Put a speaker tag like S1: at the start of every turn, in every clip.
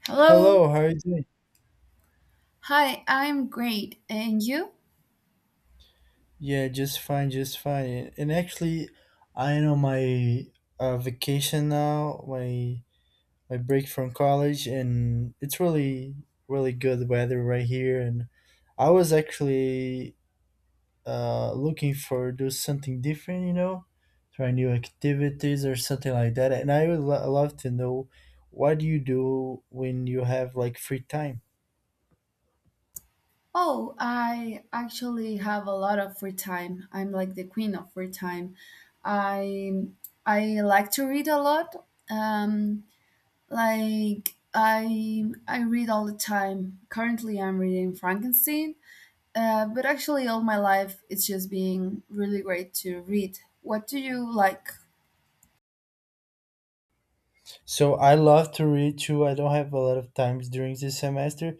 S1: Hello.
S2: Hello, how are you doing?
S1: Hi, I'm great. And you?
S2: Yeah, just fine, just fine. And actually, I am on my vacation now, my break from college, and it's really good weather right here. And I was actually looking for do something different, try new activities or something like that. And I would love to know what do you do when you have like free time?
S1: Oh, I actually have a lot of free time. I'm like the queen of free time. I I like to read a lot. Um like I read all the time. Currently I'm reading Frankenstein. But actually all my life it's just been really great to read. What do you like?
S2: So I love to read too. I don't have a lot of times during this semester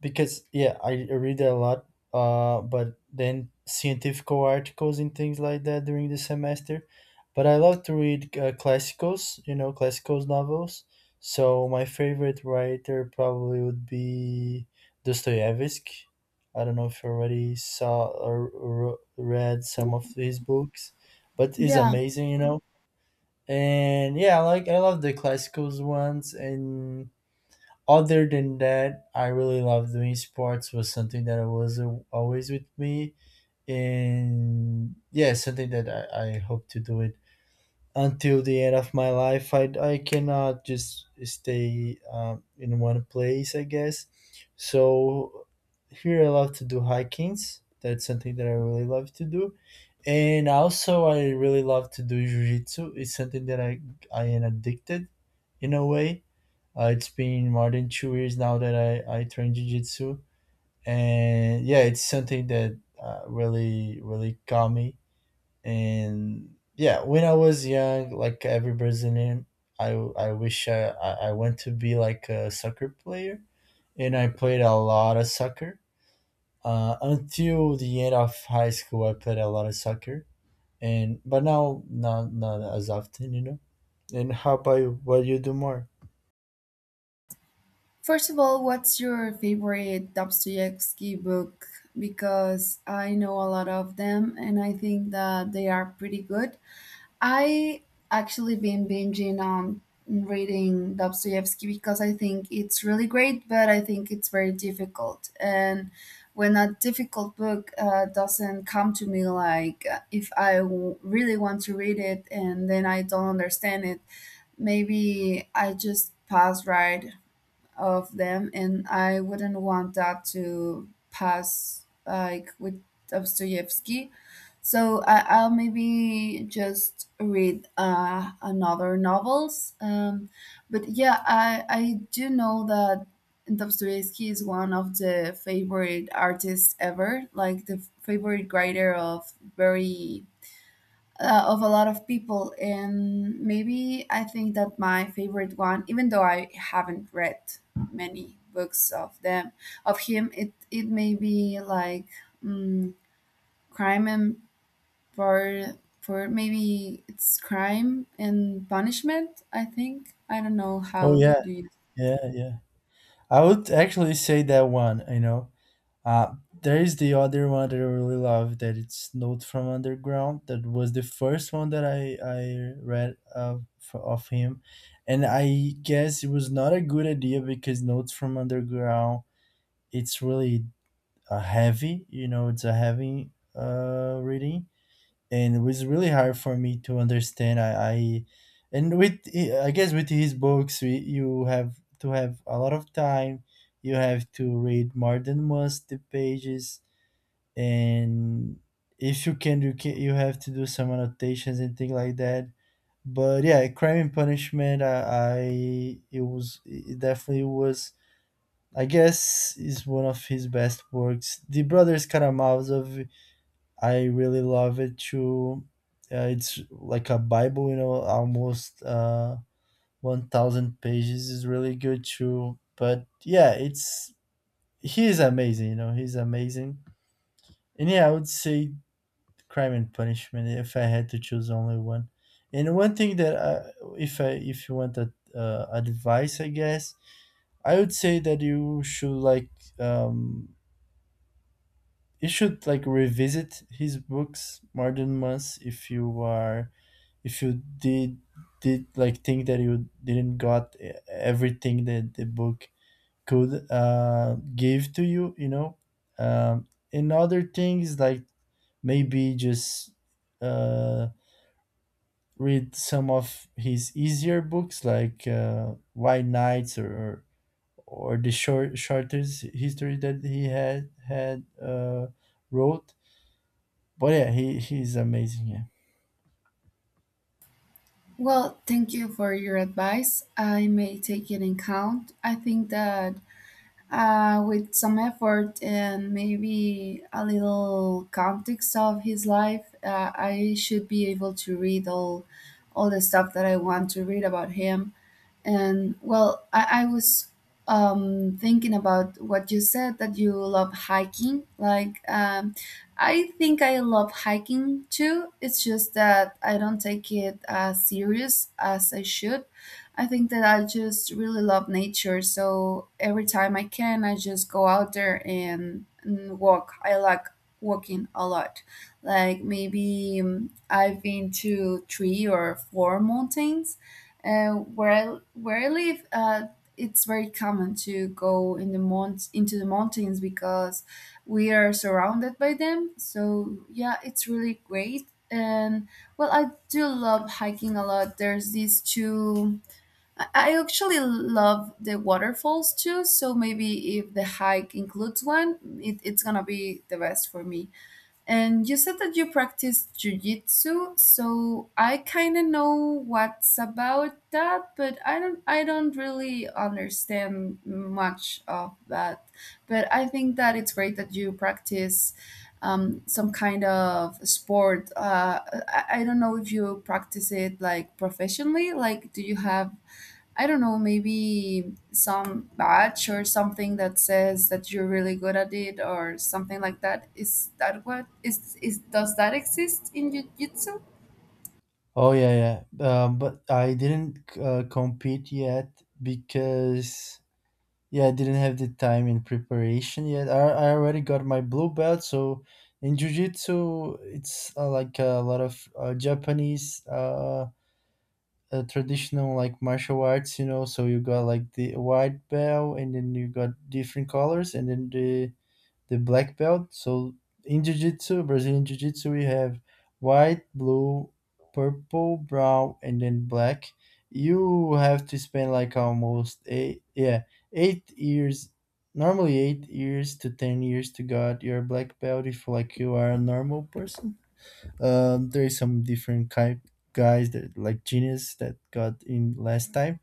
S2: because yeah, I read a lot. But then scientific articles and things like that during the semester. But I love to read classicals, you know, classicals novels. So my favorite writer probably would be Dostoevsky. I don't know if you already saw or read some of his books, but he's
S1: Yeah,
S2: amazing, and yeah, I love the classicals ones. And other than that, I really love doing sports. Was something that was always with me, and yeah, something that I hope to do it until the end of my life. I cannot just stay in one place, I guess. So here I love to do hikings. That's something that I really love to do, and also, I really love to do jujitsu. It's something that I am addicted, in a way. It's been more than 2 years now that I train jujitsu, and yeah, it's something that really got me. And yeah, when I was young, like every Brazilian, I wish I went to be like a soccer player, and I played a lot of soccer. Until the end of high school, I played a lot of soccer, and but now not as often, you know. And how about you, what you do more?
S1: first of all, what's your favorite Dostoevsky book? Because I know a lot of them and I think that they are pretty good. I actually been binging on reading Dostoevsky because I think it's really great, but I think it's very difficult. And when a difficult book doesn't come to me, like if I really want to read it and then I don't understand it, maybe I just pass right of them and I wouldn't want that to pass like with Dostoevsky. So I'll maybe just read another novels. But yeah, I do know that Dostoevsky is one of the favorite artists ever, like the favorite writer of very of a lot of people. And maybe I think that my favorite one, even though I haven't read many books of them, of him, it may be like mm Crime and for for maybe it's Crime and Punishment, I think. I don't know
S2: Oh
S1: how
S2: yeah.
S1: do you.
S2: Yeah, yeah, I would actually say that one, you know. uh there is the other one that I really love that it's note from underground, that was the first one that i read of him. And I guess it was not a good idea because notes from underground it's really heavy, you know, it's a heavy reading. And it was really hard for me to understand. I And with i guess with his books, you have to have a lot of time. You have to read more than once the pages, and if you can, you have to do some annotations and things like that. But yeah, Crime and Punishment, I it was, it definitely was. I guess is one of his best works. The Brothers Karamazov I really love it too. It's like a Bible, you know, almost 1,000 pages, is really good too. But yeah, it's you know, he's amazing. And yeah, I would say Crime and Punishment if I had to choose only one. And one thing that if you want a, advice, I guess I would say that um, you should like revisit his books more than once if you are, if you did like think that you didn't got everything that the book could give to you, you know. And other things, maybe just uh, read some of his easier books, like white nights, or the shortest history that he had wrote. But yeah, he's amazing, yeah.
S1: Well, thank you for your advice. I may take it in count. I think that with some effort and maybe a little context of his life, I should be able to read all the stuff that I want to read about him. And well, I was thinking about what you said that you love hiking. Like, I think I love hiking too. It's just that I don't take it as serious as I should. I think that I just really love nature. So every time I can, I just go out there and walk. I like walking a lot. Like, maybe I've been to three or four mountains uh, where I live. It's very common to go in the mount into the mountains because we are surrounded by them. So yeah, it's really great. And well, I do love hiking a lot. There's these two. I actually love the waterfalls too. So maybe if the hike includes one, it's gonna be the best for me. And you said that you practice jujitsu, so I kind of know what's about that, but I don't really understand much of that. But I think that it's great that you practice some kind of sport. I don't know if you practice it like professionally. Like, do you have I don't know, maybe some badge or something that says that you're really good at it or something like that. Is that what is does that exist in jiu-jitsu?
S2: Oh yeah, yeah. But I didn't compete yet because yeah, I didn't have the time in preparation yet. I already got my blue belt. So in jiu-jitsu, it's like a lot of Japanese traditional like martial arts, you know. So you got like the white belt, and then you got different colors, and then the black belt. So in jiu-jitsu, Brazilian jiu-jitsu, we have white, blue, purple, brown, and then black. You have to spend like almost eight, yeah, 8 years, normally 8 years to 10 years to get your black belt if like you are a normal person. There is some different type guys that like genius that got in last time,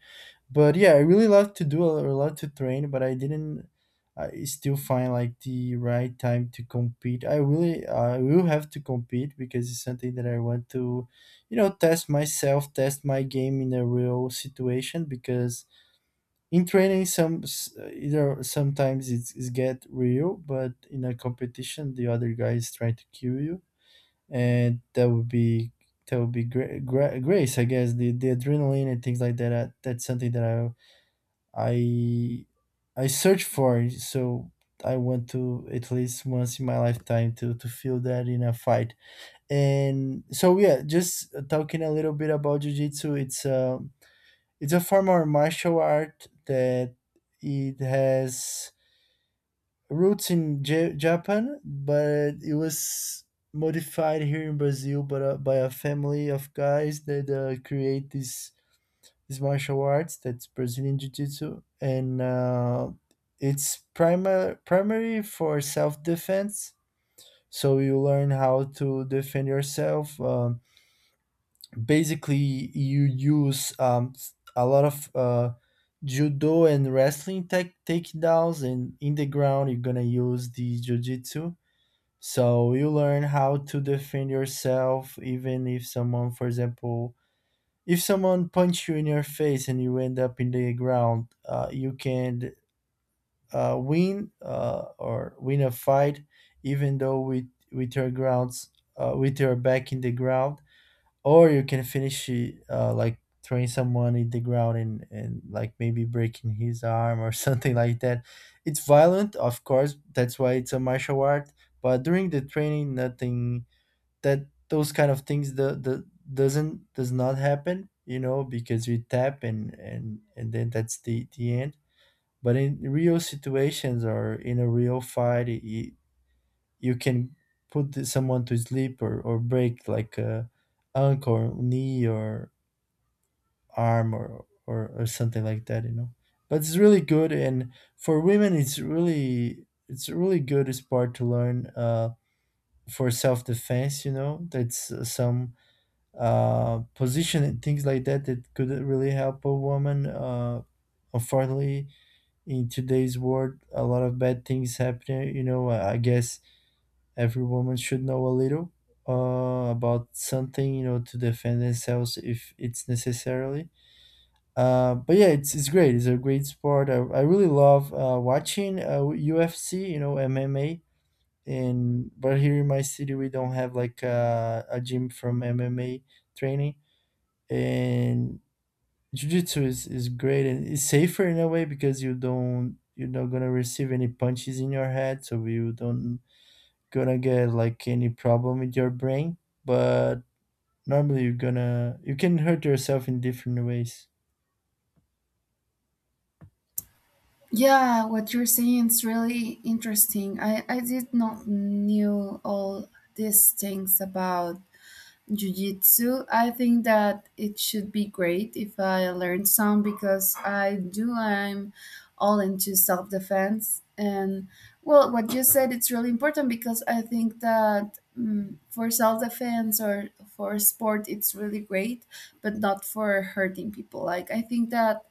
S2: but yeah, I really love to do a lot, to train. But I didn't, I still find like the right time to compete. I really, I will have to compete because it's something that I want to, you know, test myself, test my game in a real situation, because in training some either sometimes it's get real, but in a competition the other guys trying to kill you. And that would be, grace, I guess, the adrenaline and things like that, that's something that I search for it. So I want to, at least once in my lifetime, to feel that in a fight. And so yeah, just talking a little bit about jiu-jitsu, it's a, it's a form of martial art that it has roots in Japan, but it was modified here in Brazil, but by a family of guys that create this, this martial arts, that's Brazilian Jiu-Jitsu. And it's primary for self-defense. So you learn how to defend yourself. Basically, you use a lot of judo and wrestling tech takedowns, and in the ground, you're gonna use the jiu-jitsu. So you learn how to defend yourself, even if someone, for example, if someone punches you in your face and you end up in the ground, you can win or win a fight, even though with your grounds, with your back in the ground, or you can finish it, like throwing someone in the ground and like maybe breaking his arm or something like that. It's violent, of course. That's why it's a martial art. But during the training, nothing, that those kind of things, the does not happen, you know, because you tap, and and then that's the end. But in real situations or in a real fight, you can put someone to sleep, or break like a ankle or knee or arm, or something like that, you know. But it's really good. And for women, it's really, it's a really good sport to learn for self-defense, you know. That's some position and things like that that could really help a woman. Unfortunately, in today's world, a lot of bad things happen. You know, I guess every woman should know a little about something, you know, to defend themselves if it's necessarily. But yeah, it's great. It's a great sport. I really love watching UFC, you know, MMA. And but here in my city, we don't have like a gym from MMA training. And jiu-jitsu is great, and it's safer in a way because you're not gonna receive any punches in your head, so you don't gonna get like any problem with your brain. But normally you're gonna, you can hurt yourself in different ways.
S1: Yeah, what you're saying is really interesting. I did not knew all these things about jiu-jitsu. I think that it should be great if I learn some because I do I'm all into self-defense. And well, what you said it's really important because I think that for self-defense or for sport it's really great, but not for hurting people. Like I think that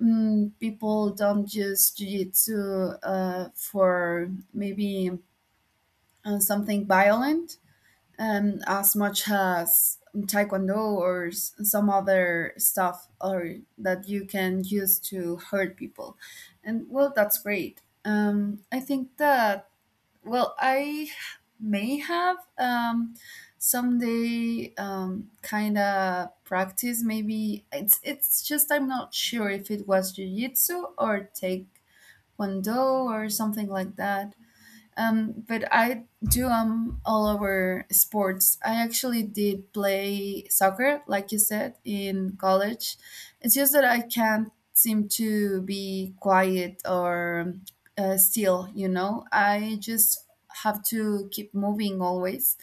S1: people don't use jiu-jitsu for maybe something violent, as much as taekwondo or some other stuff or that you can use to hurt people. And well, that's great. I think that well I may have someday kind of practice. Maybe it's just I'm not sure if it was jiu-jitsu or taekwondo or something like that. But I do all over sports. I actually did play soccer, like you said, in college. It's just that I can't seem to be quiet or still. You know, I just have to keep moving always.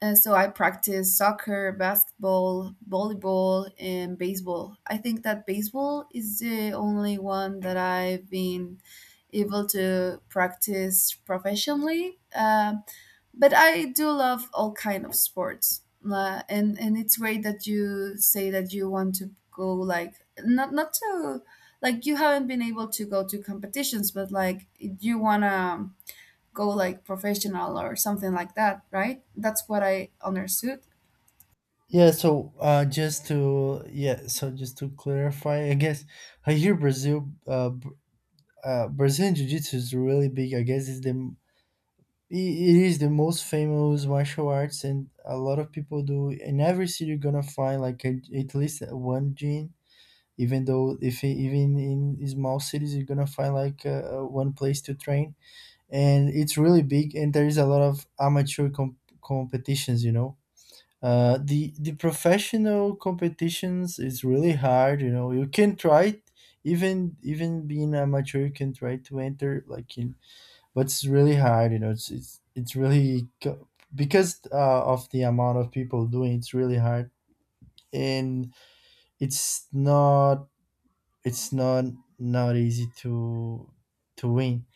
S1: So I practice soccer, basketball, volleyball, and baseball. I think that baseball is the only one that I've been able to practice professionally. But I do love all kind of sports, and it's great that you say that you want to go like not to like you haven't been able to go to competitions, but like you wanna go like professional or something like that, right? That's what I understood.
S2: Yeah, so just to yeah, so just to clarify, I guess, I hear brazil, brazilian jiu-jitsu is really big, I guess it's the, I- it is the most famous martial arts, and a lot of people do. In every city, you're gonna find like a, at least one gym. Even though, if even in small cities, you're gonna find like one place to train, and it's really big. And there is a lot of amateur competitions. You know, the professional competitions is really hard. You know, you can try, it, even being amateur, you can try to enter like in, but it's really hard, you know, it's really because of the amount of people doing, it's really hard. And it's not it's not, not easy to win.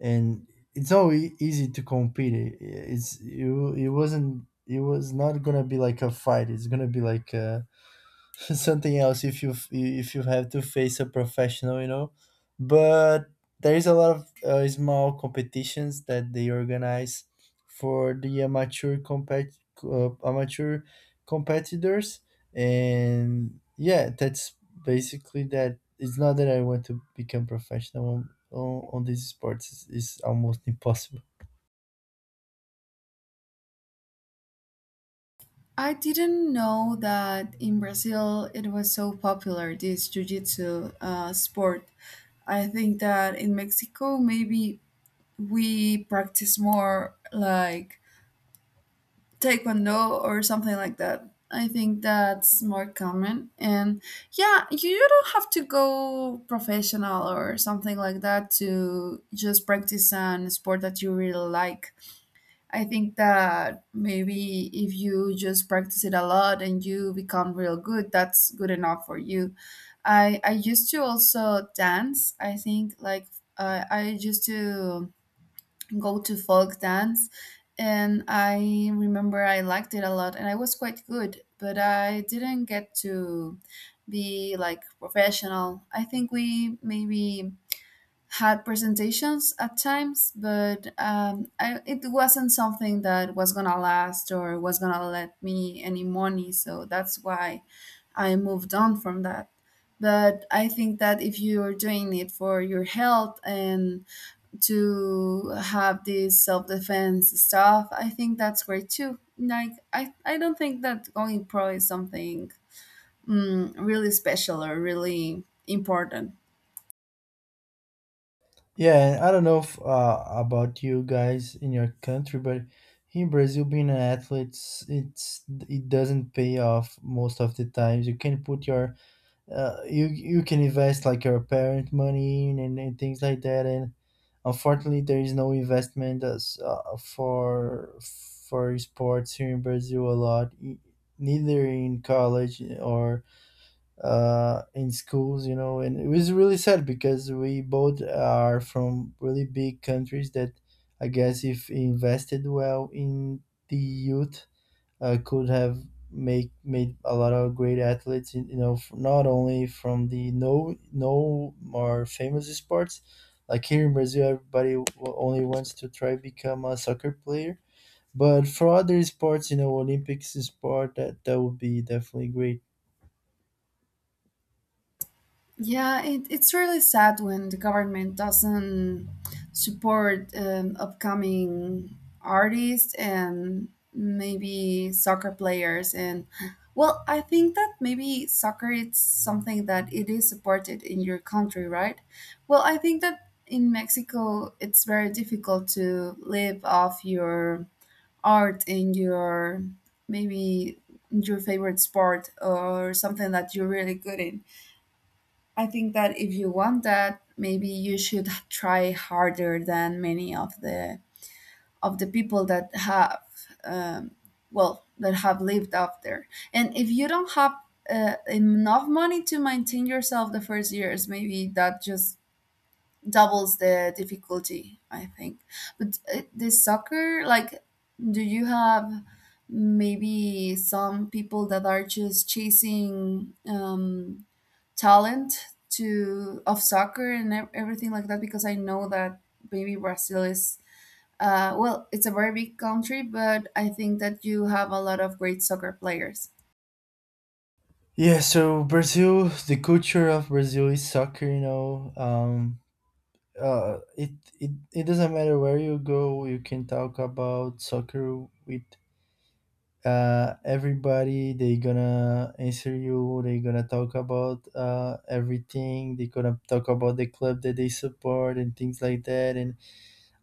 S2: And it's not easy to compete, it's, you, it was not gonna be like a fight, it's gonna be like a something else if you, if you have to face a professional, you know. But there is a lot of small competitions that they organize for the amateur compet amateur competitors. And yeah, that's basically that. It's not that I want to become professional on these sports, it's almost impossible.
S1: I didn't know that in Brazil it was so popular, this jiu-jitsu sport. I think that in Mexico, maybe we practice more like taekwondo or something like that. I think that's more common. And yeah, you don't have to go professional or something like that to just practice an sport that you really like. I think that maybe if you just practice it a lot and you become real good, that's good enough for you. I used to also dance. I think like I used to go to folk dance, and I remember I liked it a lot, and I was quite good. But I didn't get to be like professional. I think we maybe had presentations at times, but it wasn't something that was gonna last or was gonna let me any money. So that's why I moved on from that. But I think that if you're doing it for your health and to have this self defense stuff, I think that's great too. Like, I don't think that going pro is something really special or really important.
S2: Yeah, and I don't know if, about you guys in your country, but in Brazil, being an athlete, it doesn't pay off most of the times. You can put your you can invest like your parent money in and things like that, and unfortunately, there is no investment as, for sports here in Brazil a lot, neither in college or in schools, you know, and it was really sad because we both are from really big countries that I guess if invested well in the youth, could have make made a lot of great athletes, you know, not only from the no more famous sports. Like here in Brazil, everybody only wants to try become a soccer player. But for other sports, you know, Olympics sport, that would be definitely great.
S1: Yeah, it's really sad when the government doesn't support upcoming artists and maybe soccer players. And well, I think that maybe soccer is something that it is supported in your country, right? Well, I think that in Mexico it's very difficult to live off your art and your maybe your favorite sport or something that you're really good in. I think that if you want that, maybe you should try harder than many of the people that have, um, well, that have lived up there. And if you don't have enough money to maintain yourself the first years, maybe that just doubles the difficulty, I think. But the soccer, like, do you have maybe some people that are just chasing talent to of soccer and everything like that? Because I know that maybe Brazil is well, it's a very big country, but I think that you have a lot of great soccer players.
S2: Yeah, so Brazil, the culture of Brazil is soccer, you know. Uh, it, it doesn't matter where you go, you can talk about soccer with everybody. They gonna answer you. They gonna talk about everything. They gonna talk about the club that they support and things like that. And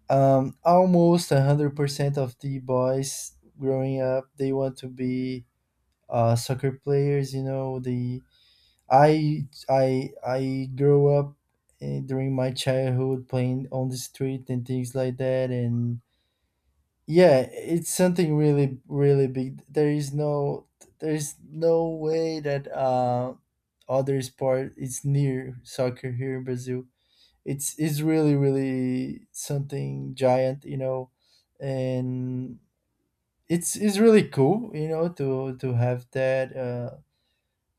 S2: almost 100% of the boys growing up, they want to be soccer players. You know, they I grew up during my childhood playing on the street and things like that. And yeah, it's something really, really big. There is no there is no way that other sport is near soccer here in Brazil. It's really, really something giant, you know. And it's really cool, you know, to have that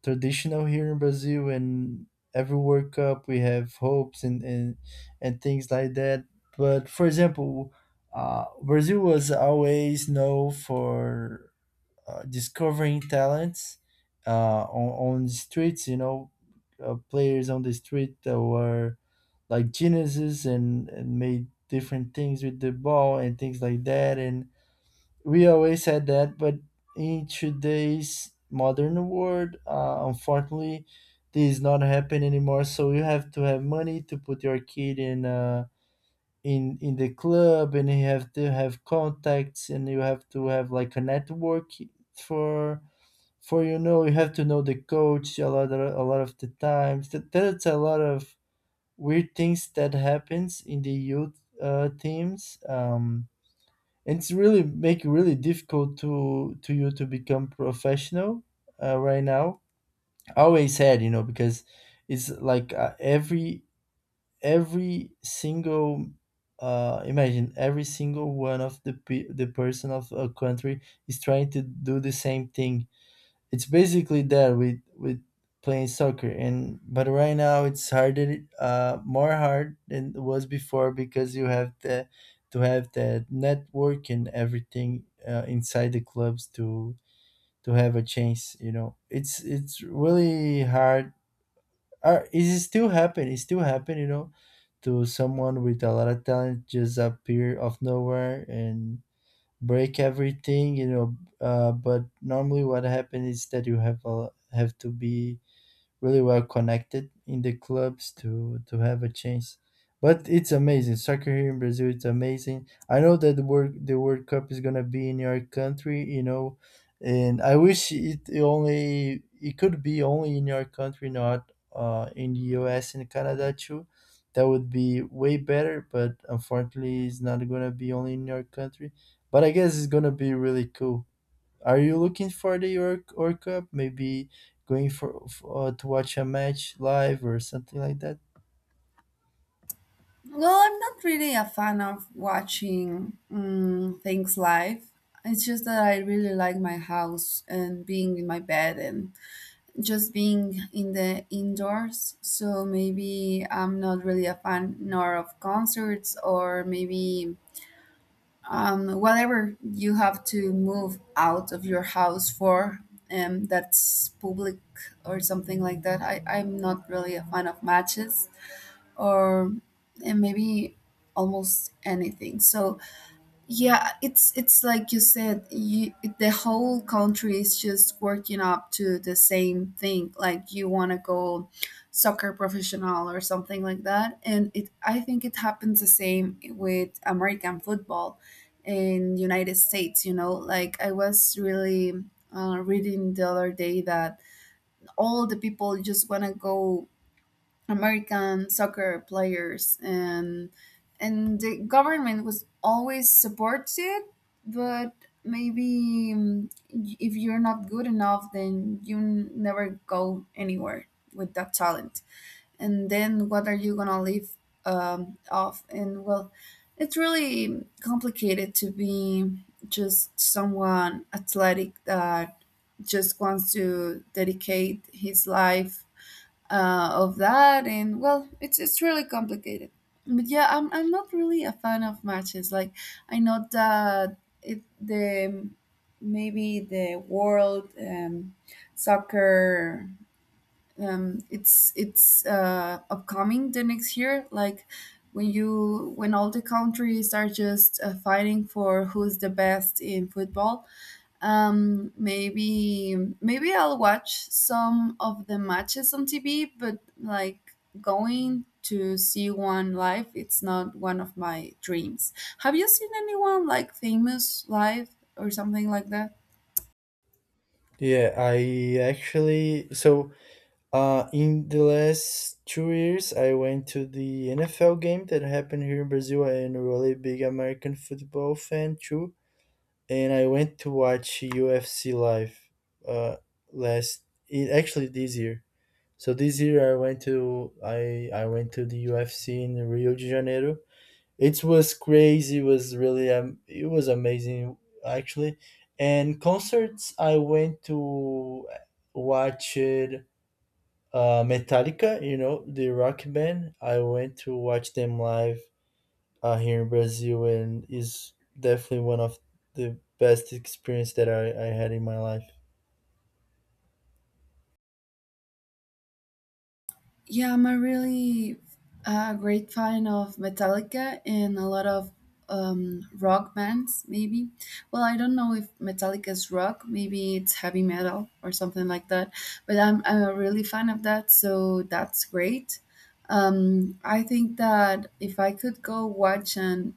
S2: traditional here in Brazil, and every World Cup we have hopes and things like that. But for example, Brazil was always known for discovering talents on the streets. You know, players on the street that were like geniuses and made different things with the ball and things like that. And we always had that, but in today's modern world, unfortunately, this is not happen anymore. So you have to have money to put your kid in in the club, and you have to have contacts, and you have to have like a network for you know, you have to know the coach a lot of the times. That's a lot of weird things that happens in the youth teams. And It's really make it really difficult to you to become professional right now. I always had, you know, because it's like every single imagine every single one of the person of a country is trying to do the same thing. It's basically that with playing soccer. And but right now it's harder, more hard than it was before, because you have the to have that network and everything inside the clubs to have a chance, you know. It's really hard, or it is still happen, it still happen, you know, to someone with a lot of talent just appear of nowhere and break everything, you know. But normally what happens is that have to be really well connected in the clubs to have a chance. But it's amazing soccer here in Brazil. It's amazing. I know that the World Cup is gonna be in your country, you know, and I wish it could be only in your country, not in the U.S. and Canada too. That would be way better. But unfortunately, it's not gonna be only in your country. But I guess it's gonna be really cool. Are you looking for the Euro Cup? Maybe going for, to watch a match live or something like that?
S1: Well, I'm not really a fan of watching things live. It's just that I really like my house and being in my bed and just being in the indoors. So maybe I'm not really a fan nor of concerts or maybe whatever you have to move out of your house for, that's public or something like that. I'm not really a fan of matches or and maybe almost anything. So yeah, it's like you said, the whole country is just working up to the same thing. Like you want to go soccer professional or something like that, and it I think it happens the same with American football in United States. You know, like I was really reading the other day that all the people just want to go American soccer players, and the government was always supports it. But maybe if you're not good enough, then you never go anywhere with that talent. And then what are you gonna live off? And well, it's really complicated to be just someone athletic that just wants to dedicate his life of that. And well, it's really complicated. But yeah, I'm not really a fan of matches. Like I know that it the maybe the world soccer it's upcoming the next year, like when you when all the countries are just fighting for who's the best in football. Maybe maybe I'll watch some of the matches on TV, but like going to see one live, it's not one of my dreams. Have you seen anyone like famous live or something like that?
S2: Yeah, I actually so in the last 2 years I went to the NFL game that happened here in Brazil. I'm a really big American football fan too, and I went to watch UFC live uh last it actually this year. So this year I went to the UFC in Rio de Janeiro. It was crazy. It was really it was amazing actually. And concerts, I went to watch Metallica. You know, the rock band. I went to watch them live here in Brazil, and is definitely one of the best experience that I had in my life.
S1: Yeah, I'm a really great fan of Metallica and a lot of rock bands, maybe. Well, I don't know if Metallica is rock, maybe it's heavy metal or something like that, but I'm a really fan of that, so that's great. I think that if I could go watch an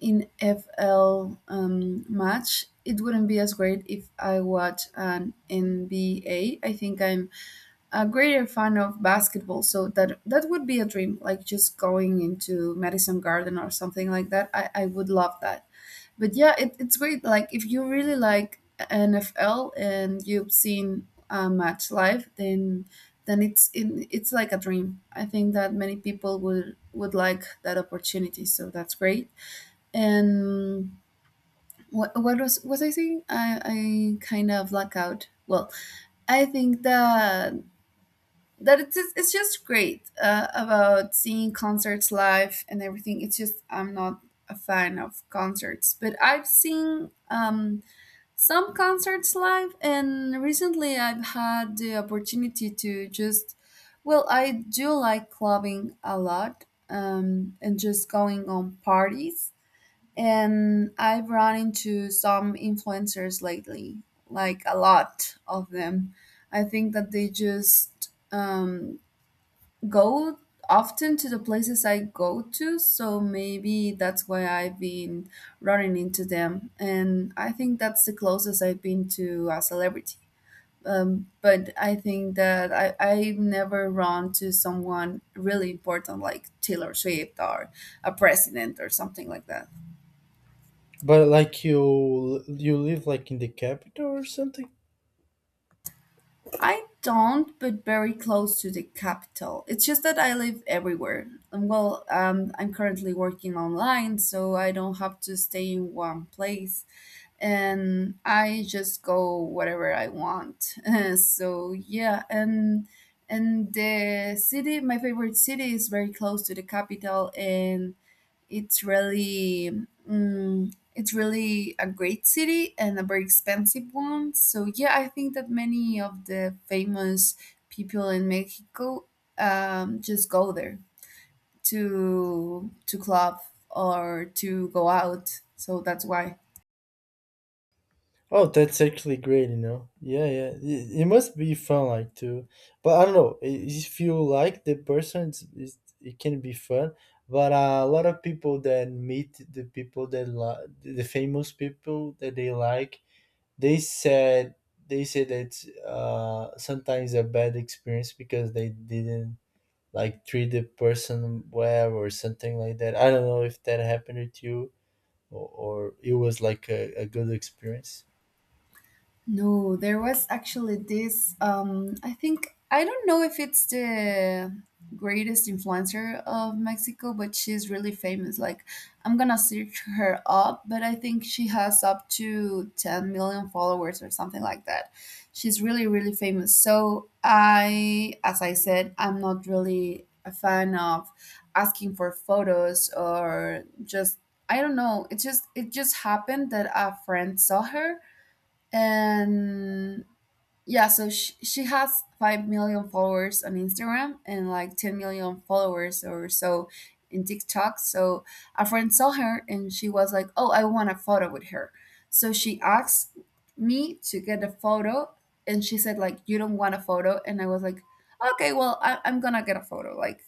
S1: NFL match, it wouldn't be as great if I watch an NBA. I think I'm a greater fan of basketball, so that that would be a dream, like just going into Madison Garden or something like that. I would love that. But yeah, it's great like if you really like NFL and you've seen a match live, then it's like a dream. I think that many people would like that opportunity, so that's great. And what was I saying? I kind of black out. Well, I think that it's just great about seeing concerts live and everything. It's just I'm not a fan of concerts, but I've seen some concerts live, and recently I've had the opportunity to just well, I do like clubbing a lot, and just going on parties. And I've run into some influencers lately, like a lot of them. I think that they just go often to the places I go to, so maybe that's why I've been running into them. And I think that's the closest I've been to a celebrity. But I think that I never run to someone really important like Taylor Swift or a president or something like that.
S2: But like you live like in the capital or something?
S1: I don't, but very close to the capital. It's just that I live everywhere. Well, I'm currently working online, so I don't have to stay in one place, and I just go wherever I want. So yeah, and the city, my favorite city, is very close to the capital, and it's really it's really a great city and a very expensive one. So yeah, I think that many of the famous people in Mexico just go there to club or to go out. So that's why.
S2: Oh, that's actually great, you know. Yeah, yeah. It must be fun, like, too. But I don't know. If you like the person, it can be fun. But a lot of people that meet the people that li- the famous people that they like, they said they say that sometimes a bad experience because they didn't like treat the person well or something like that. I don't know if that happened to you or it was like a good experience.
S1: No, there was actually this. I think I don't know if it's the greatest influencer of Mexico, but she's really famous. Like, I'm gonna search her up, but I think she has up to 10 million followers or something like that. She's really, really famous. So as I said, I'm not really a fan of asking for photos or just I don't know. It just happened that a friend saw her. And yeah, so she has 5 million followers on Instagram and like 10 million followers or so in TikTok. So a friend saw her and she was like, oh, I want a photo with her. So she asked me to get a photo, and she said like, you don't want a photo? And I was like, okay, well I'm gonna get a photo. Like,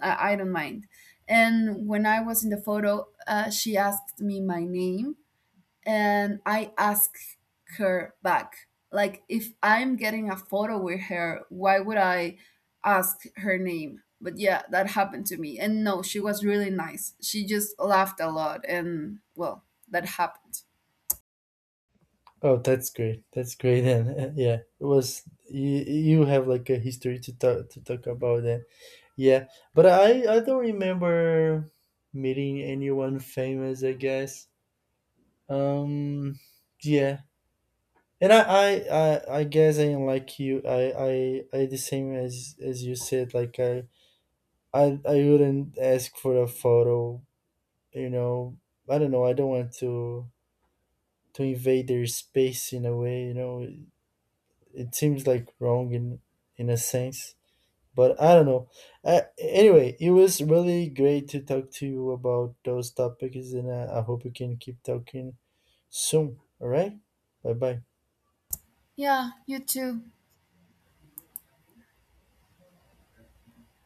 S1: I don't mind. And when I was in the photo she asked me my name, and I ask her back. Like, if I'm getting a photo with her, why would I ask her name? But yeah, that happened to me. And no, she was really nice. She just laughed a lot, and well, that happened.
S2: Oh, that's great. That's great, and yeah, it was you. You have like a history to talk about, and yeah, but I don't remember meeting anyone famous, I guess. Um, yeah, and I guess I am like you. I the same as you said. Like I wouldn't ask for a photo. You know. I don't want to invade their space in a way. You know, it seems like wrong in a sense, but I don't know. Anyway, it was really great to talk to you about those topics, and I hope we can keep talking soon. All right. Bye bye.
S1: Yeah, you too.